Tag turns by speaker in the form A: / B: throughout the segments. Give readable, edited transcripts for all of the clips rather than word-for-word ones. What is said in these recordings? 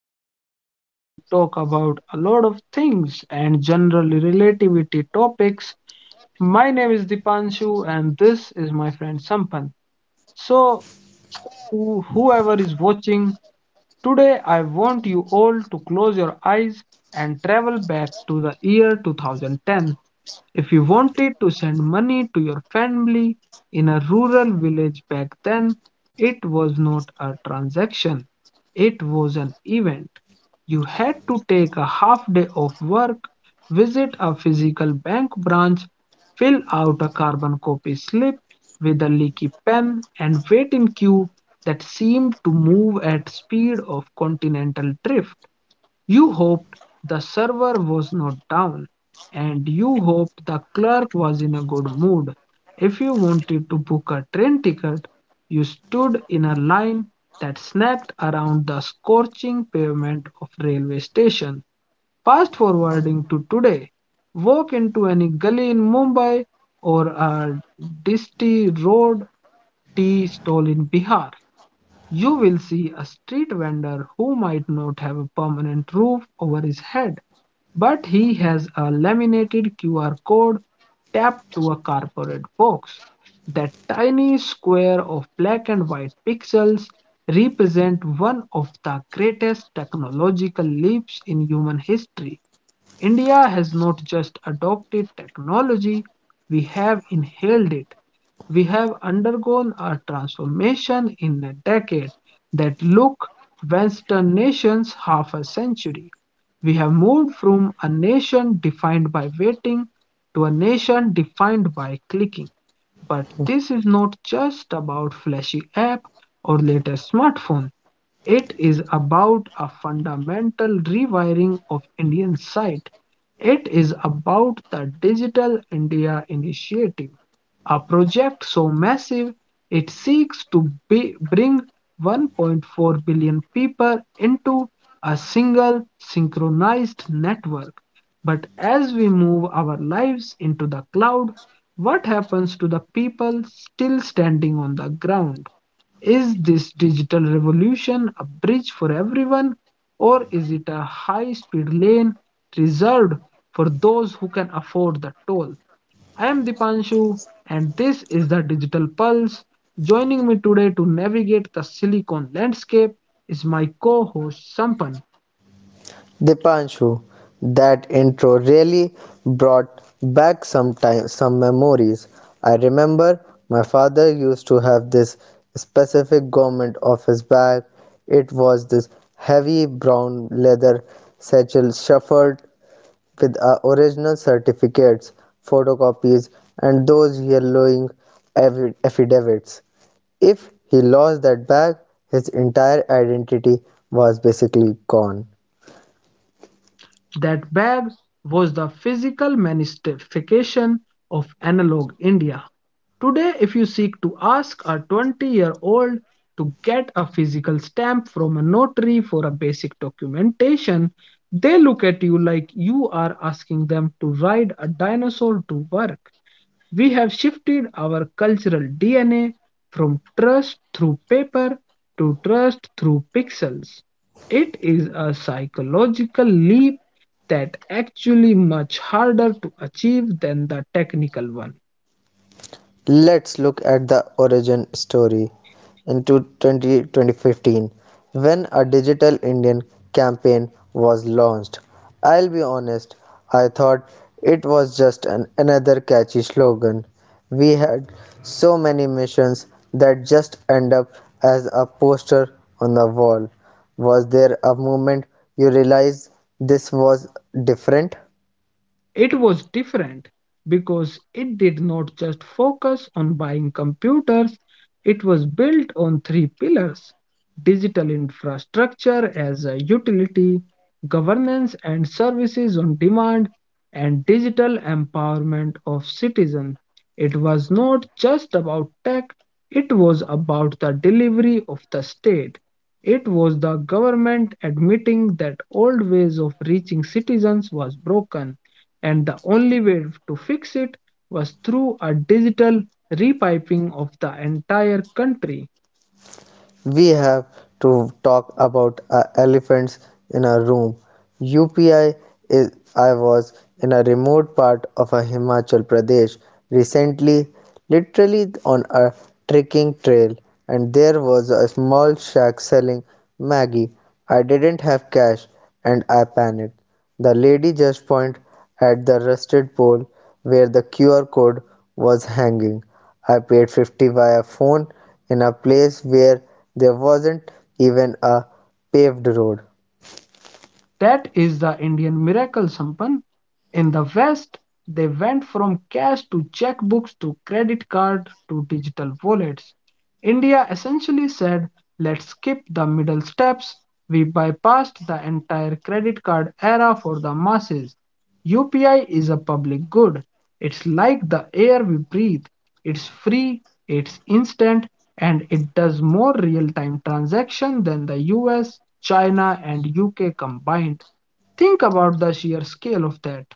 A: podcast where we talk about a lot of things and general relativity topics. My name is Dipanshu, and this is my friend Sampan. So, Whoever is watching, today I want you all to close your eyes and travel back to the year 2010. If you wanted to send money to your family in a rural village back then, it was not a transaction, it was an event. You had to take a half day off work, visit a physical bank branch, fill out a carbon copy slip with a leaky pen, and wait in queue that seemed to move at speed of continental drift. You hoped the server was not down, and you hoped the clerk was in a good mood. If you wanted to book a train ticket, you stood in a line that snapped around the scorching pavement of railway station. Fast forwarding to today, walk into any gully in Mumbai or a dusty road tea stall in Bihar, you will see a street vendor who might not have a permanent roof over his head, but he has a laminated QR code tapped to a corporate box. That tiny square of black and white pixels represent one of the greatest technological leaps in human history. India has not just adopted technology, we have inhaled it. We have undergone a transformation in a decade that look Western nations half a century. We have moved from a nation defined by waiting to a nation defined by clicking. But this is not just about flashy app or latest smartphone. It is about a fundamental rewiring of Indian sight. It is about the Digital India Initiative, a project so massive it seeks to be, bring 1.4 billion people into a single synchronized network. But as we move our lives into the cloud, what happens to the people still standing on the ground? Is this digital revolution a bridge for everyone, or is it a high speed lane reserved for those who can afford the toll? I'm Dipanshu, and this is the Digital Pulse. Joining me today to navigate the silicon landscape is my co host Sampan.
B: Dipanshu, that intro really brought back some time, some memories. I remember my father used to have this specific garment of his bag. It was this heavy brown leather satchel shuffled with our original certificates, photocopies, and those yellowing affidavits. If he lost that bag, his entire identity was basically gone.
A: That bag was the physical manifestation of analog India. Today, if you seek to ask a 20-year-old to get a physical stamp from a notary for a basic documentation, they look at you like you are asking them to ride a dinosaur to work. We have shifted our cultural DNA from trust through paper to trust through pixels. It is a psychological leap that actually much harder to achieve than the technical one.
B: Let's look at the origin story into 20, 2015 when a digital Indian campaign was launched. I'll be honest, I thought it was just another catchy slogan. We had so many missions that just end up as a poster on the wall. Was there a moment you realized this was different?
A: It was different because it did not just focus on buying computers, it was built on three pillars: digital infrastructure as a utility, governance and services on demand, and digital empowerment of citizens. It was not just about tech, it was about the delivery of the state. It was the government admitting that old ways of reaching citizens was broken and the only way to fix it was through a digital repiping of the entire country.
B: We have to talk about elephants in a room. UPI is. I was in a remote part of a Himachal Pradesh recently, literally on a trekking trail, and there was a small shack selling Maggie. I didn't have cash and I panicked. The lady just pointed at the rusted pole where the QR code was hanging. I paid 50 via phone in a place where there wasn't even a paved road.
A: That is the Indian miracle, Sampan. In the West, they went from cash to checkbooks to credit card to digital wallets. India essentially said, let's skip the middle steps. We bypassed the entire credit card era for the masses. UPI is a public good. It's like the air we breathe. It's free, it's instant, and it does more real-time transaction than the US, China, and UK combined. Think about the sheer scale of that.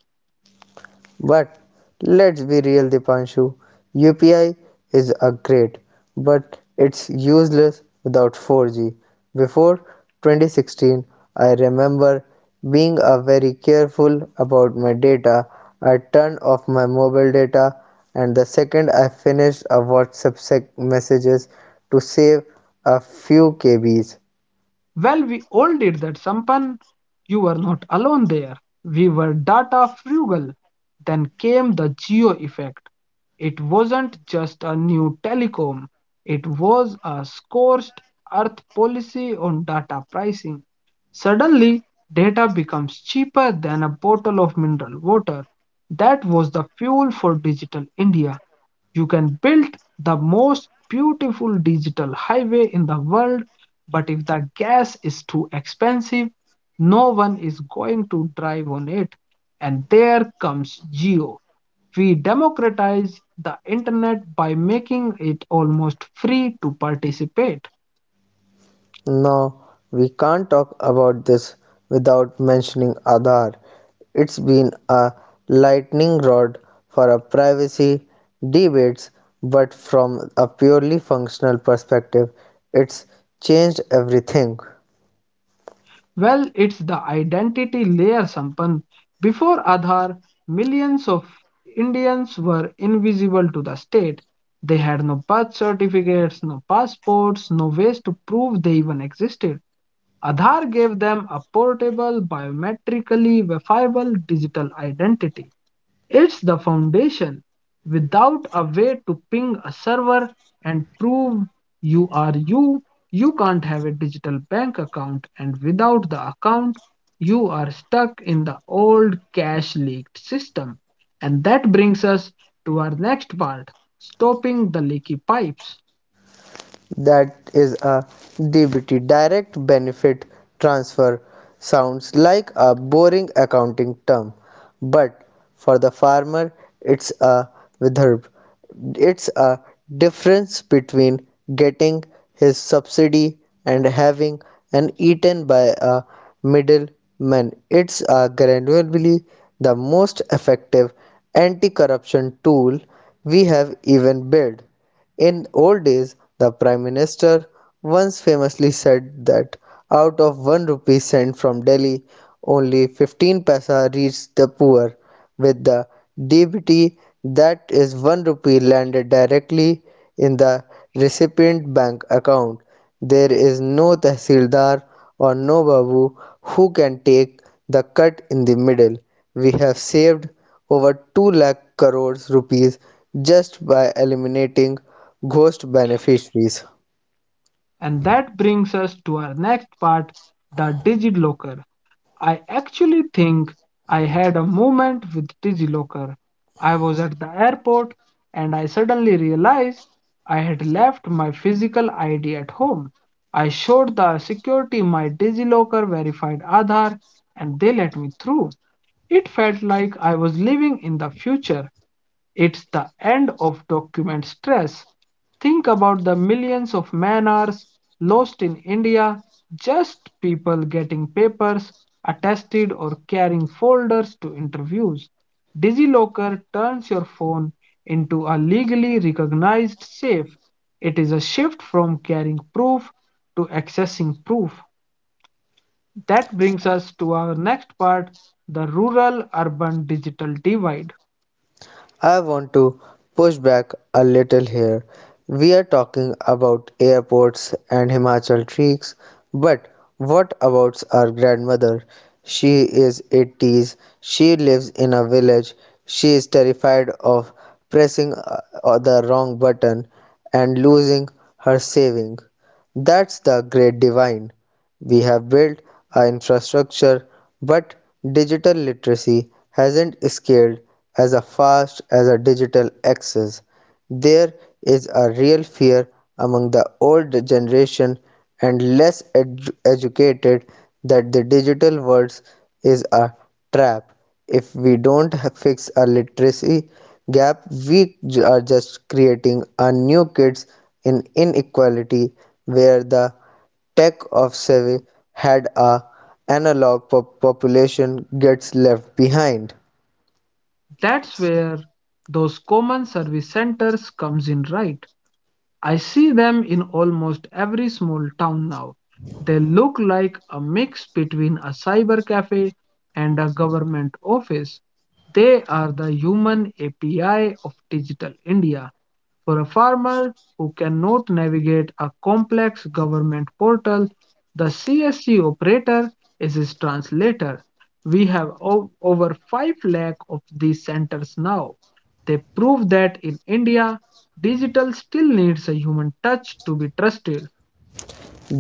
B: But let's be real, Dipanshu. UPI is a great, but it's useless without 4G. Before 2016, I remember being a very careful about my data. I turned off my mobile data, and the second I finished a WhatsApp messages to save a few KBs.
A: Well, we all did that, Sampan. You were not alone there. We were data frugal. Then came the geo effect. It wasn't just a new telecom, it was a scorched earth policy on data pricing. Suddenly, data becomes cheaper than a bottle of mineral water. That was the fuel for digital India. You can build the most beautiful digital highway in the world, but if the gas is too expensive, no one is going to drive on it. And there comes Geo. We democratize the internet by making it almost free to participate.
B: Now, we can't talk about this without mentioning Aadhaar. It's been a lightning rod for our privacy debates, but from a purely functional perspective, it's changed everything.
A: Well, it's the identity layer, Sampan. Before Aadhaar, millions of Indians were invisible to the state. They had no birth certificates, no passports, no ways to prove they even existed. Aadhaar gave them a portable, biometrically verifiable digital identity. It's the foundation. Without a way to ping a server and prove you are you, you can't have a digital bank account, and without the account, you are stuck in the old cash leaked system. And that brings us to our next part: stopping the leaky pipes.
B: That is a DBT, direct benefit transfer, sounds like a boring accounting term, but for the farmer, it's a vidharb, it's a difference between getting his subsidy and having an eaten by a middleman. It's a granularly the most effective anti-corruption tool we have even built. In old days, the Prime Minister once famously said that out of one rupee sent from Delhi, only 15 paisa reached the poor. With the DBT, that is one rupee landed directly in the recipient bank account. There is no tehsildar or no babu who can take the cut in the middle. We have saved over 2 lakh crores rupees just by eliminating ghost beneficiaries.
A: And that brings us to our next part: the DigiLocker. I actually think I had a moment with DigiLocker. I was at the airport and I suddenly realized I had left my physical ID at home. I showed the security my DigiLocker verified Aadhaar and they let me through. It felt like I was living in the future. It's the end of document stress. Think about the millions of man hours lost in India, just people getting papers attested or carrying folders to interviews. DigiLocker turns your phone into a legally recognized safe. It is a shift from carrying proof to accessing proof. That brings us to our next part: the rural urban digital divide.
B: I want to push back a little here. We are talking about airports and Himachal treks, but what about our grandmother? She is 80s, she lives in a village, she is terrified of pressing the wrong button and losing her saving. That's the great divine. We have built our infrastructure, but digital literacy hasn't scaled as fast as our digital access. There is a real fear among the older generation and less educated that the digital world is a trap. If we don't fix our literacy gap, we are just creating a new kids in inequality where the Tech of Seve had a analog population gets left behind.
A: That's where those common service centers comes in right. I see them in almost every small town now. They look like a mix between a cyber cafe and a government office. They are the human API of digital India. For a farmer who cannot navigate a complex government portal, the CSC operator is his translator. We have over 5 lakh of these centers now. They prove that in India, digital still needs a human touch to be trusted.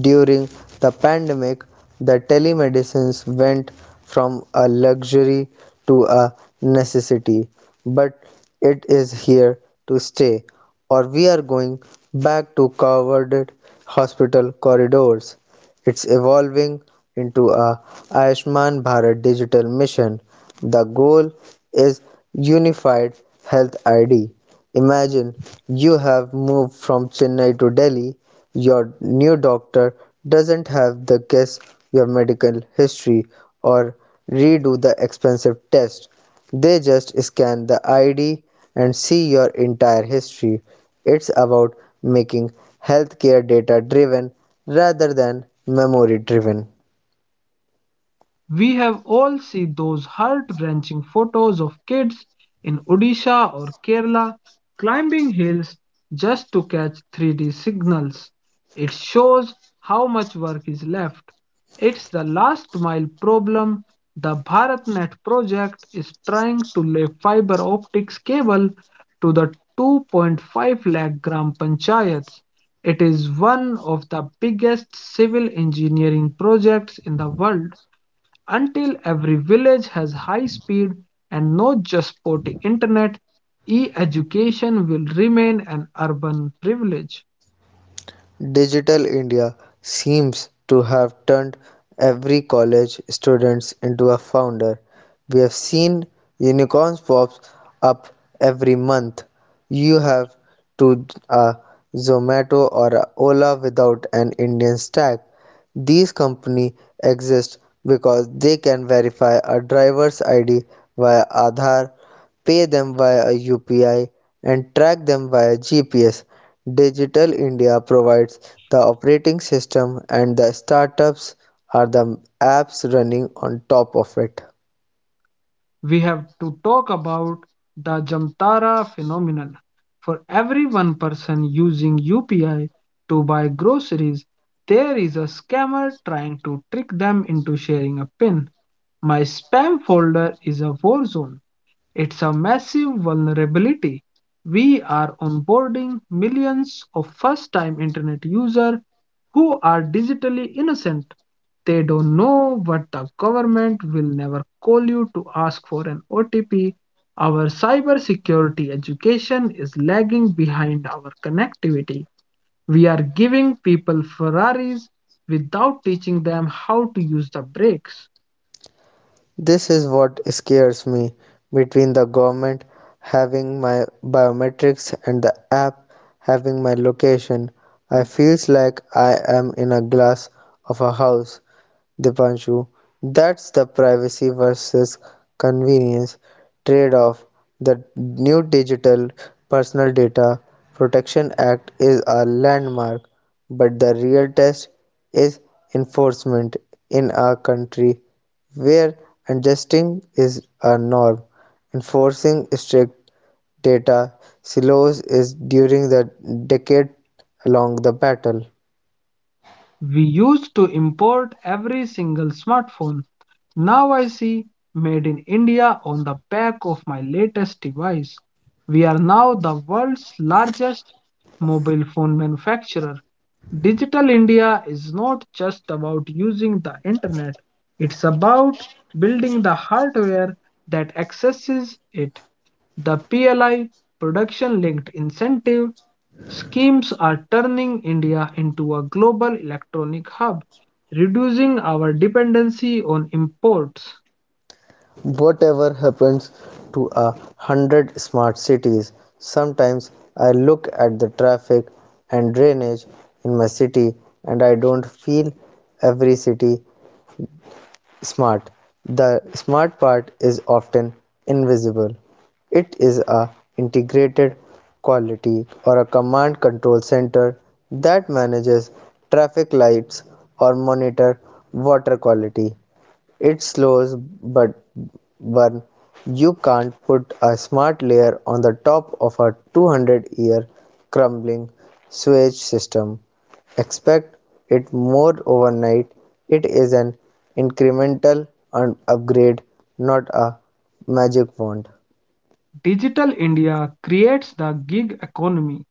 B: During the pandemic, the telemedicines went from a luxury to a necessity, but it is here to stay, or we are going back to crowded hospital corridors. It's evolving into a Ayushman Bharat digital mission. The goal is unified health ID. Imagine you have moved from Chennai to Delhi. Your new doctor doesn't have to guess your medical history or redo the expensive test. They just scan the ID and see your entire history. It's about making healthcare data-driven rather than memory-driven.
A: We have all seen those heart-wrenching photos of kids in Odisha or Kerala climbing hills just to catch 3D signals. It shows how much work is left. It's the last mile problem. The BharatNet project is trying to lay fiber optics cable to the 2.5 lakh gram panchayats. It is one of the biggest civil engineering projects in the world. Until every village has high speed and not just sporty internet, e-education will remain an urban privilege.
B: Digital India seems to have turned every college student into a founder. We have seen unicorns pop up every month. You have to a Zomato or a Ola without an Indian stack. These companies exist because they can verify a driver's ID via Aadhaar, pay them via UPI, and track them via GPS. Digital India provides the operating system and the startups are the apps running on top of it.
A: We have to talk about the Jamtara phenomenon. For every one person using UPI to buy groceries, there is a scammer trying to trick them into sharing a pin. My spam folder is a war zone. It's a massive vulnerability. We are onboarding millions of first time internet users who are digitally innocent. They don't know what the government will never call you to ask for an OTP. Our cybersecurity education is lagging behind our connectivity. We are giving people Ferraris without teaching them how to use the brakes.
B: This is what scares me between the government having my biometrics and the app having my location. I feels like I am in a glass of a house. Dipanshu, that's the privacy versus convenience trade-off. The new Digital Personal Data Protection Act is a landmark, but the real test is enforcement in our country where adjusting is a norm, enforcing strict data silos is during the decade along the battle.
A: We used to import every single smartphone. Now I see Made in India on the back of my latest device. We are now the world's largest mobile phone manufacturer. Digital India is not just about using the internet, it's about building the hardware that accesses it. The PLI, Production Linked Incentive, schemes are turning India into a global electronic hub, reducing our dependency on imports.
B: Whatever happens to a hundred smart cities, sometimes I look at the traffic and drainage in my city and I don't feel every city smart. The smart part is often invisible. It is a integrated quality or a command control center that manages traffic lights or monitor water quality. It slows but burn you can't put a smart layer on the top of a 200-year crumbling sewage system. Expect it more overnight. It is an incremental upgrade, not a magic wand.
A: Digital India creates the gig economy.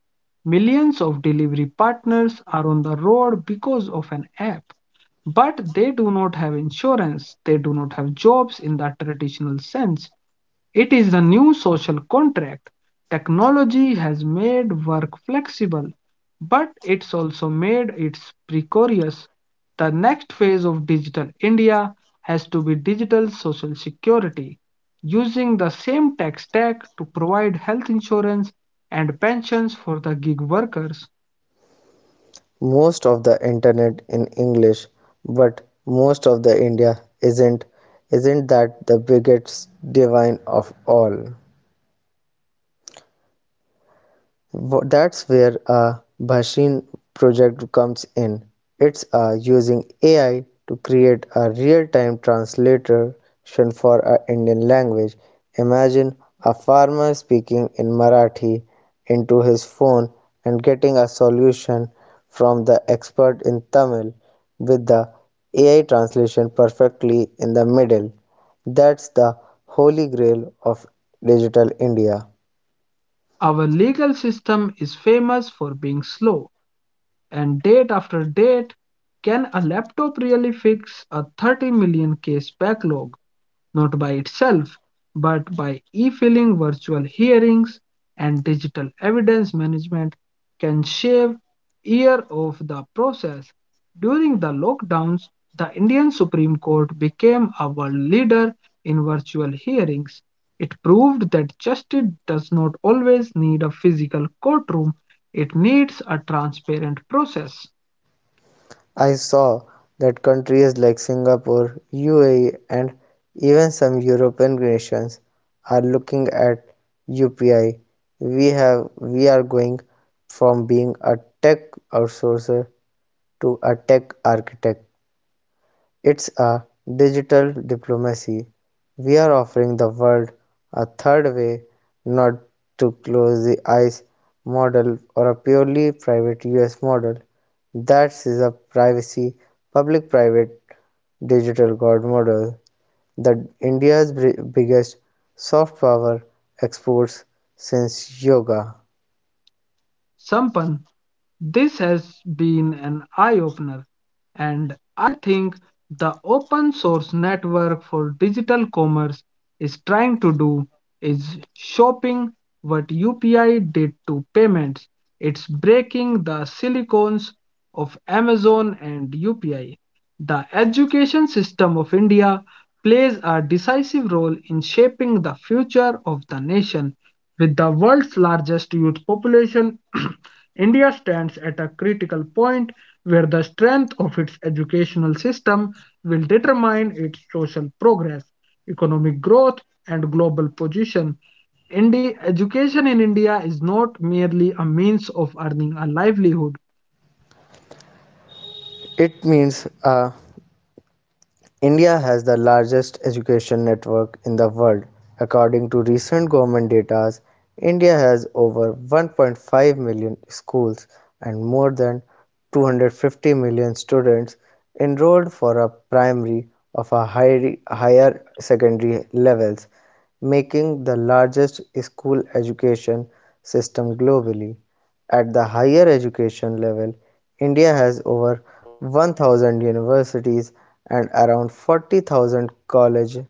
A: Millions of delivery partners are on the road because of an app, but they do not have insurance, they do not have jobs in the traditional sense. It is the new social contract. Technology has made work flexible, but it's also made it precarious. The next phase of digital India has to be digital social security, using the same tech stack to provide health insurance and pensions for the gig workers.
B: Most of the internet in English, but most of the India isn't. Isn't that the biggest divine of all? That's where a Bhashin project comes in. It's using AI to create a real-time translation for a Indian language. Imagine a farmer speaking in Marathi into his phone and getting a solution from the expert in Tamil with the AI translation perfectly in the middle. That's the holy grail of digital India.
A: Our legal system is famous for being slow, and date after date, can a laptop really fix a 30 million case backlog? Not by itself, but by e filing, virtual hearings, and digital evidence management can shave year off the process. During the lockdowns, the Indian Supreme Court became a world leader in virtual hearings. It proved that justice does not always need a physical courtroom, it needs a transparent process.
B: I saw that countries like Singapore, UAE, and even some European nations are looking at UPI. We are going from being a tech outsourcer to a tech architect. It's a digital diplomacy, we're offering the world a third way, not to close the eyes model or a purely private US model. That is a privacy public private digital god model that India's biggest soft power exports since yoga.
A: Sampan, this has been an eye opener, and I think the open source network for digital commerce is trying to do is shopping what UPI did to payments. It's breaking the silicons of Amazon and UPI. The education system of India plays a decisive role in shaping the future of the nation. With the world's largest youth population, India stands at a critical point where the strength of its educational system will determine its social progress, economic growth, and global position. Education in India is not merely a means of earning a livelihood.
B: It means a India has the largest education network in the world. According to recent government data, India has over 1.5 million schools and more than 250 million students enrolled for a primary of a higher secondary levels making the largest school education system globally. At the higher education level, India has over 1,000 universities and around 40,000 colleges,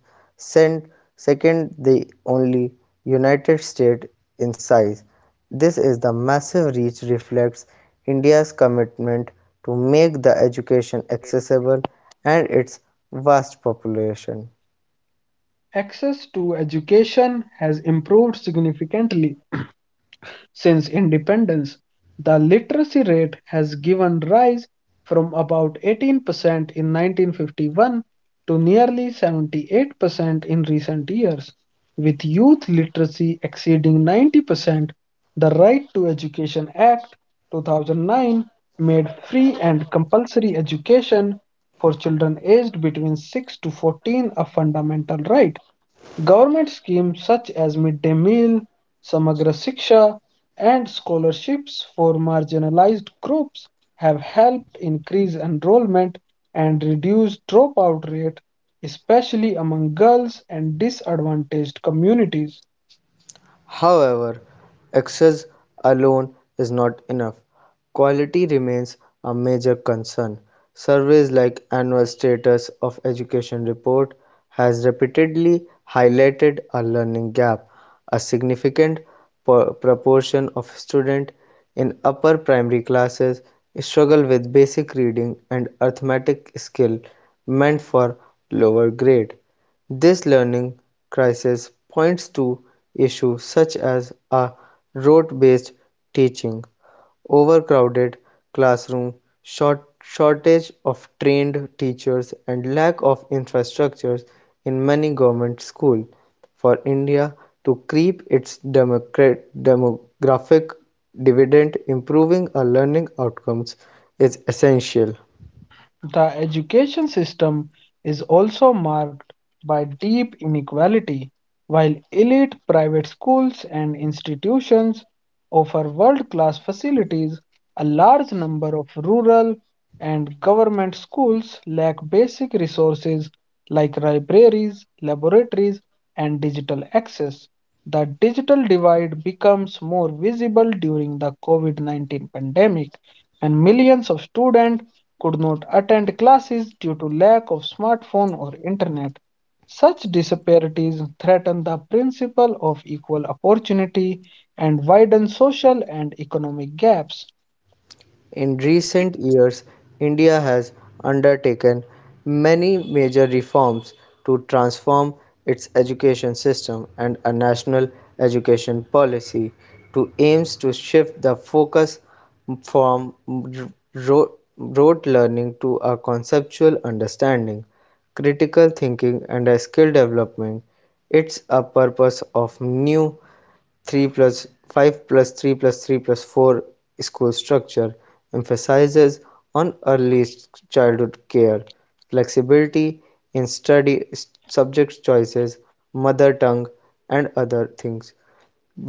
B: second the only United States in size. This is the massive reach reflects India's commitment to make the education accessible and its vast population.
A: Access to education has improved significantly. Since independence, the literacy rate has given rise from about 18% in 1951 to nearly 78% in recent years, with youth literacy exceeding 90%. The Right to Education Act 2009 made free and compulsory education for children aged between 6 to 14 a fundamental right. Government schemes such as midday meal, Samagra Shiksha, and scholarships for marginalized groups have helped increase enrollment and reduce dropout rate, especially among girls and disadvantaged communities.
B: However, access alone is not enough. Quality remains a major concern; surveys like Annual Status of Education report has repeatedly highlighted a learning gap: a significant proportion of students in upper primary classes struggle with basic reading and arithmetic skill meant for lower grade. This learning crisis points to issues such as a rote-based teaching overcrowded classroom, short- shortage of trained teachers and lack of infrastructures in many government schools. For India to creep its demographic dividend, improving our learning outcomes is essential.
A: The education system is also marked by deep inequality. While elite private schools and institutions offer world class facilities, a large number of rural and government schools lack basic resources like libraries, laboratories, and digital access. The digital divide becomes more visible during the COVID 19 pandemic, and millions of students could not attend classes due to lack of smartphone or internet. Such disparities threaten the principle of equal opportunity and widen social and economic gaps.
B: In recent years, India has undertaken many major reforms to transform its education system and a national education policy to aims to shift the focus from rote learning to a conceptual understanding, critical thinking and a skill development. It's a purpose of new 3+5+3+3+4 school structure emphasizes on early childhood care, flexibility in study subject choices, mother tongue, and other things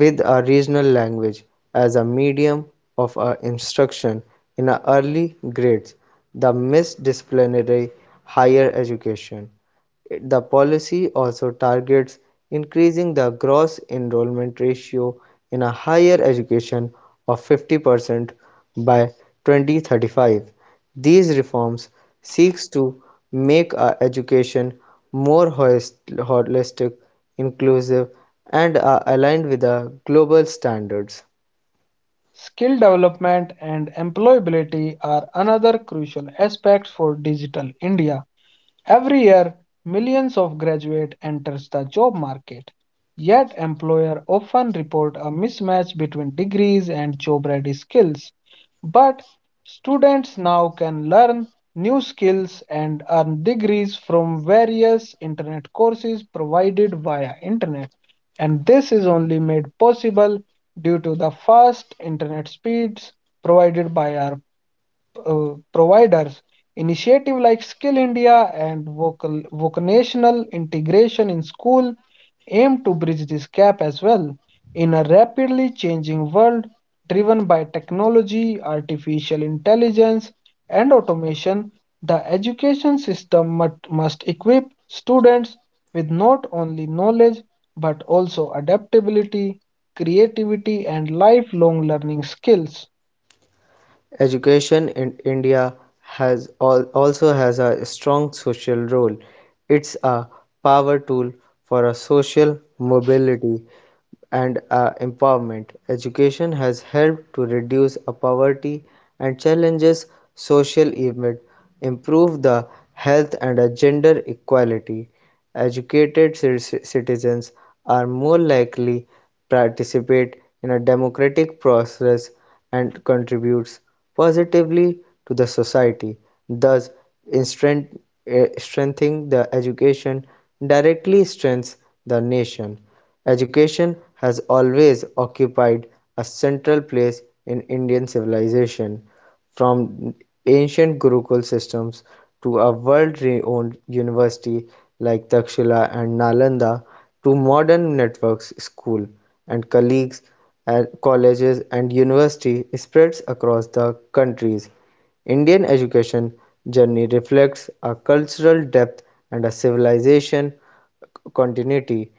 B: with a regional language as a medium of instruction in early grades, the misdisciplinary higher education. The policy also targets increasing the gross enrollment ratio in a higher education of 50% by 2035. These reforms seeks to make our education more holistic, inclusive and are aligned with the global standards.
A: Skill development and employability are another crucial aspect for digital India. Every year, millions of graduates enters the job market, yet employers often report a mismatch between degrees and job-ready skills. But students now can learn new skills and earn degrees from various internet courses provided via internet. And this is only made possible due to the fast internet speeds provided by our providers. Initiative like Skill India and vocational integration in school aim to bridge this gap as well. In a rapidly changing world driven by technology, artificial intelligence, and automation, the education system must equip students with not only knowledge but also adaptability, creativity, and lifelong learning skills.
B: Education in India has also has a strong social role. It's a power tool for a social mobility and empowerment. Education has helped to reduce poverty and challenges social evil, improve the health and gender equality. Educated citizens are more likely participate in a democratic process and contributes positively to the society, thus strength- strengthening the education directly strengthens the nation. Education has always occupied a central place in Indian civilization, from ancient Gurukul systems to a world-renowned university like Takshila and Nalanda, to modern networks school and colleagues at colleges and university spreads across the countries. Indian education journey reflects a cultural depth and a civilization continuity.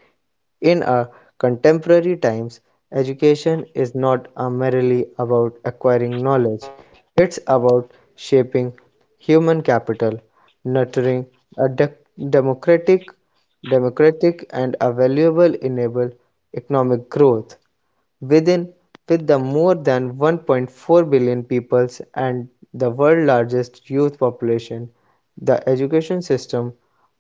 B: In our contemporary times, education is not a merely about acquiring knowledge, it's about shaping human capital, nurturing a democratic, democratic and a valuable enable economic growth. Within with the more than 1.4 billion people and the world largest youth population, the education system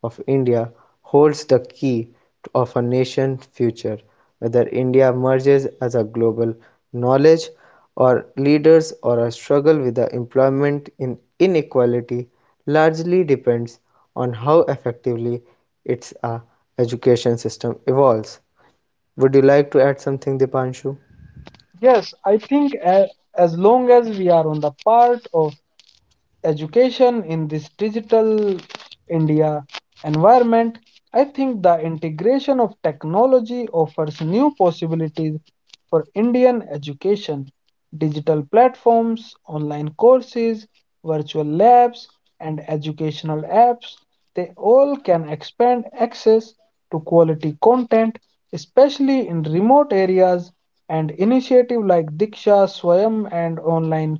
B: of India holds the key of a nation's future. Whether India emerges as a global knowledge or leaders or a struggle with the employment in inequality largely depends on how effectively its education system evolves. Would you like to add something, Dipanshu?
A: Yes, I think a as long as we are on the part of education in this digital India environment, I think the integration of technology offers new possibilities for Indian education. Digital platforms, online courses, virtual labs, and educational apps, they all can expand access to quality content, especially in remote areas, and initiatives like Diksha, Swayam, and online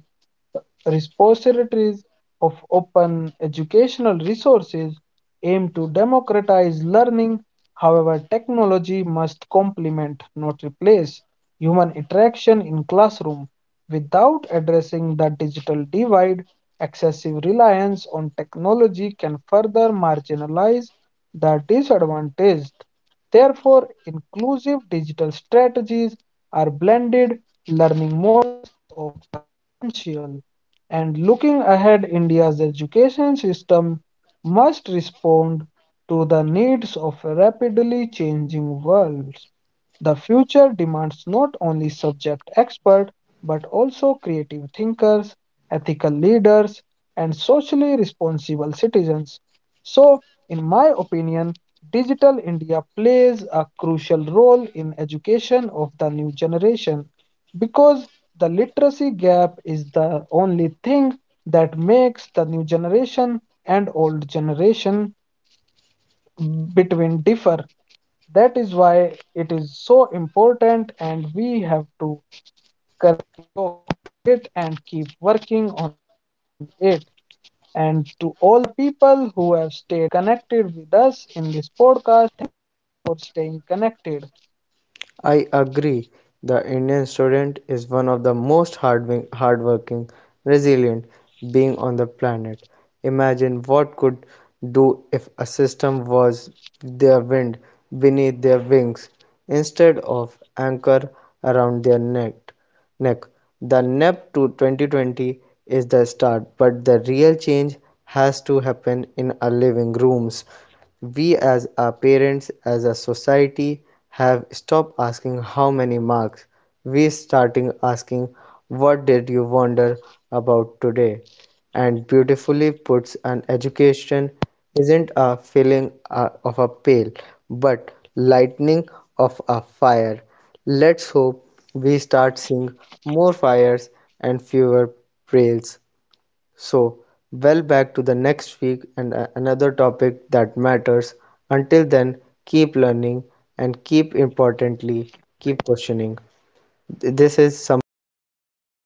A: repositories of open educational resources aim to democratize learning. However, technology must complement, not replace, human interaction in classroom. Without addressing the digital divide, excessive reliance on technology can further marginalize the disadvantaged. Therefore, inclusive digital strategies are blended learning essential. And looking ahead, India's education system must respond to the needs of a rapidly changing world. The future demands not only subject experts, but also creative thinkers, ethical leaders, and socially responsible citizens. So, in my opinion, Digital India plays a crucial role in education of the new generation because the literacy gap is the only thing that makes the new generation and old generation between differ. That is why it is so important, and we have to it and keep working on it. And to all the people who have stayed connected with us in this podcast, for staying connected.
B: I agree. The Indian student is one of the most hardworking, resilient being on the planet. Imagine what could do if a system was their wind beneath their wings instead of anchor around their neck. The nap to 2020 is the start, but the real change has to happen in our living rooms. We, as our parents, as a society, have stopped asking how many marks. We starting asking, what did you wonder about today? And beautifully puts an education isn't a filling of a pail, but lightning of a fire. Let's hope we start seeing more fires and fewer trails. So, well back to the next week and another topic that matters. Until then, keep learning and keep importantly, keep questioning. This is Sampan and Dipansh.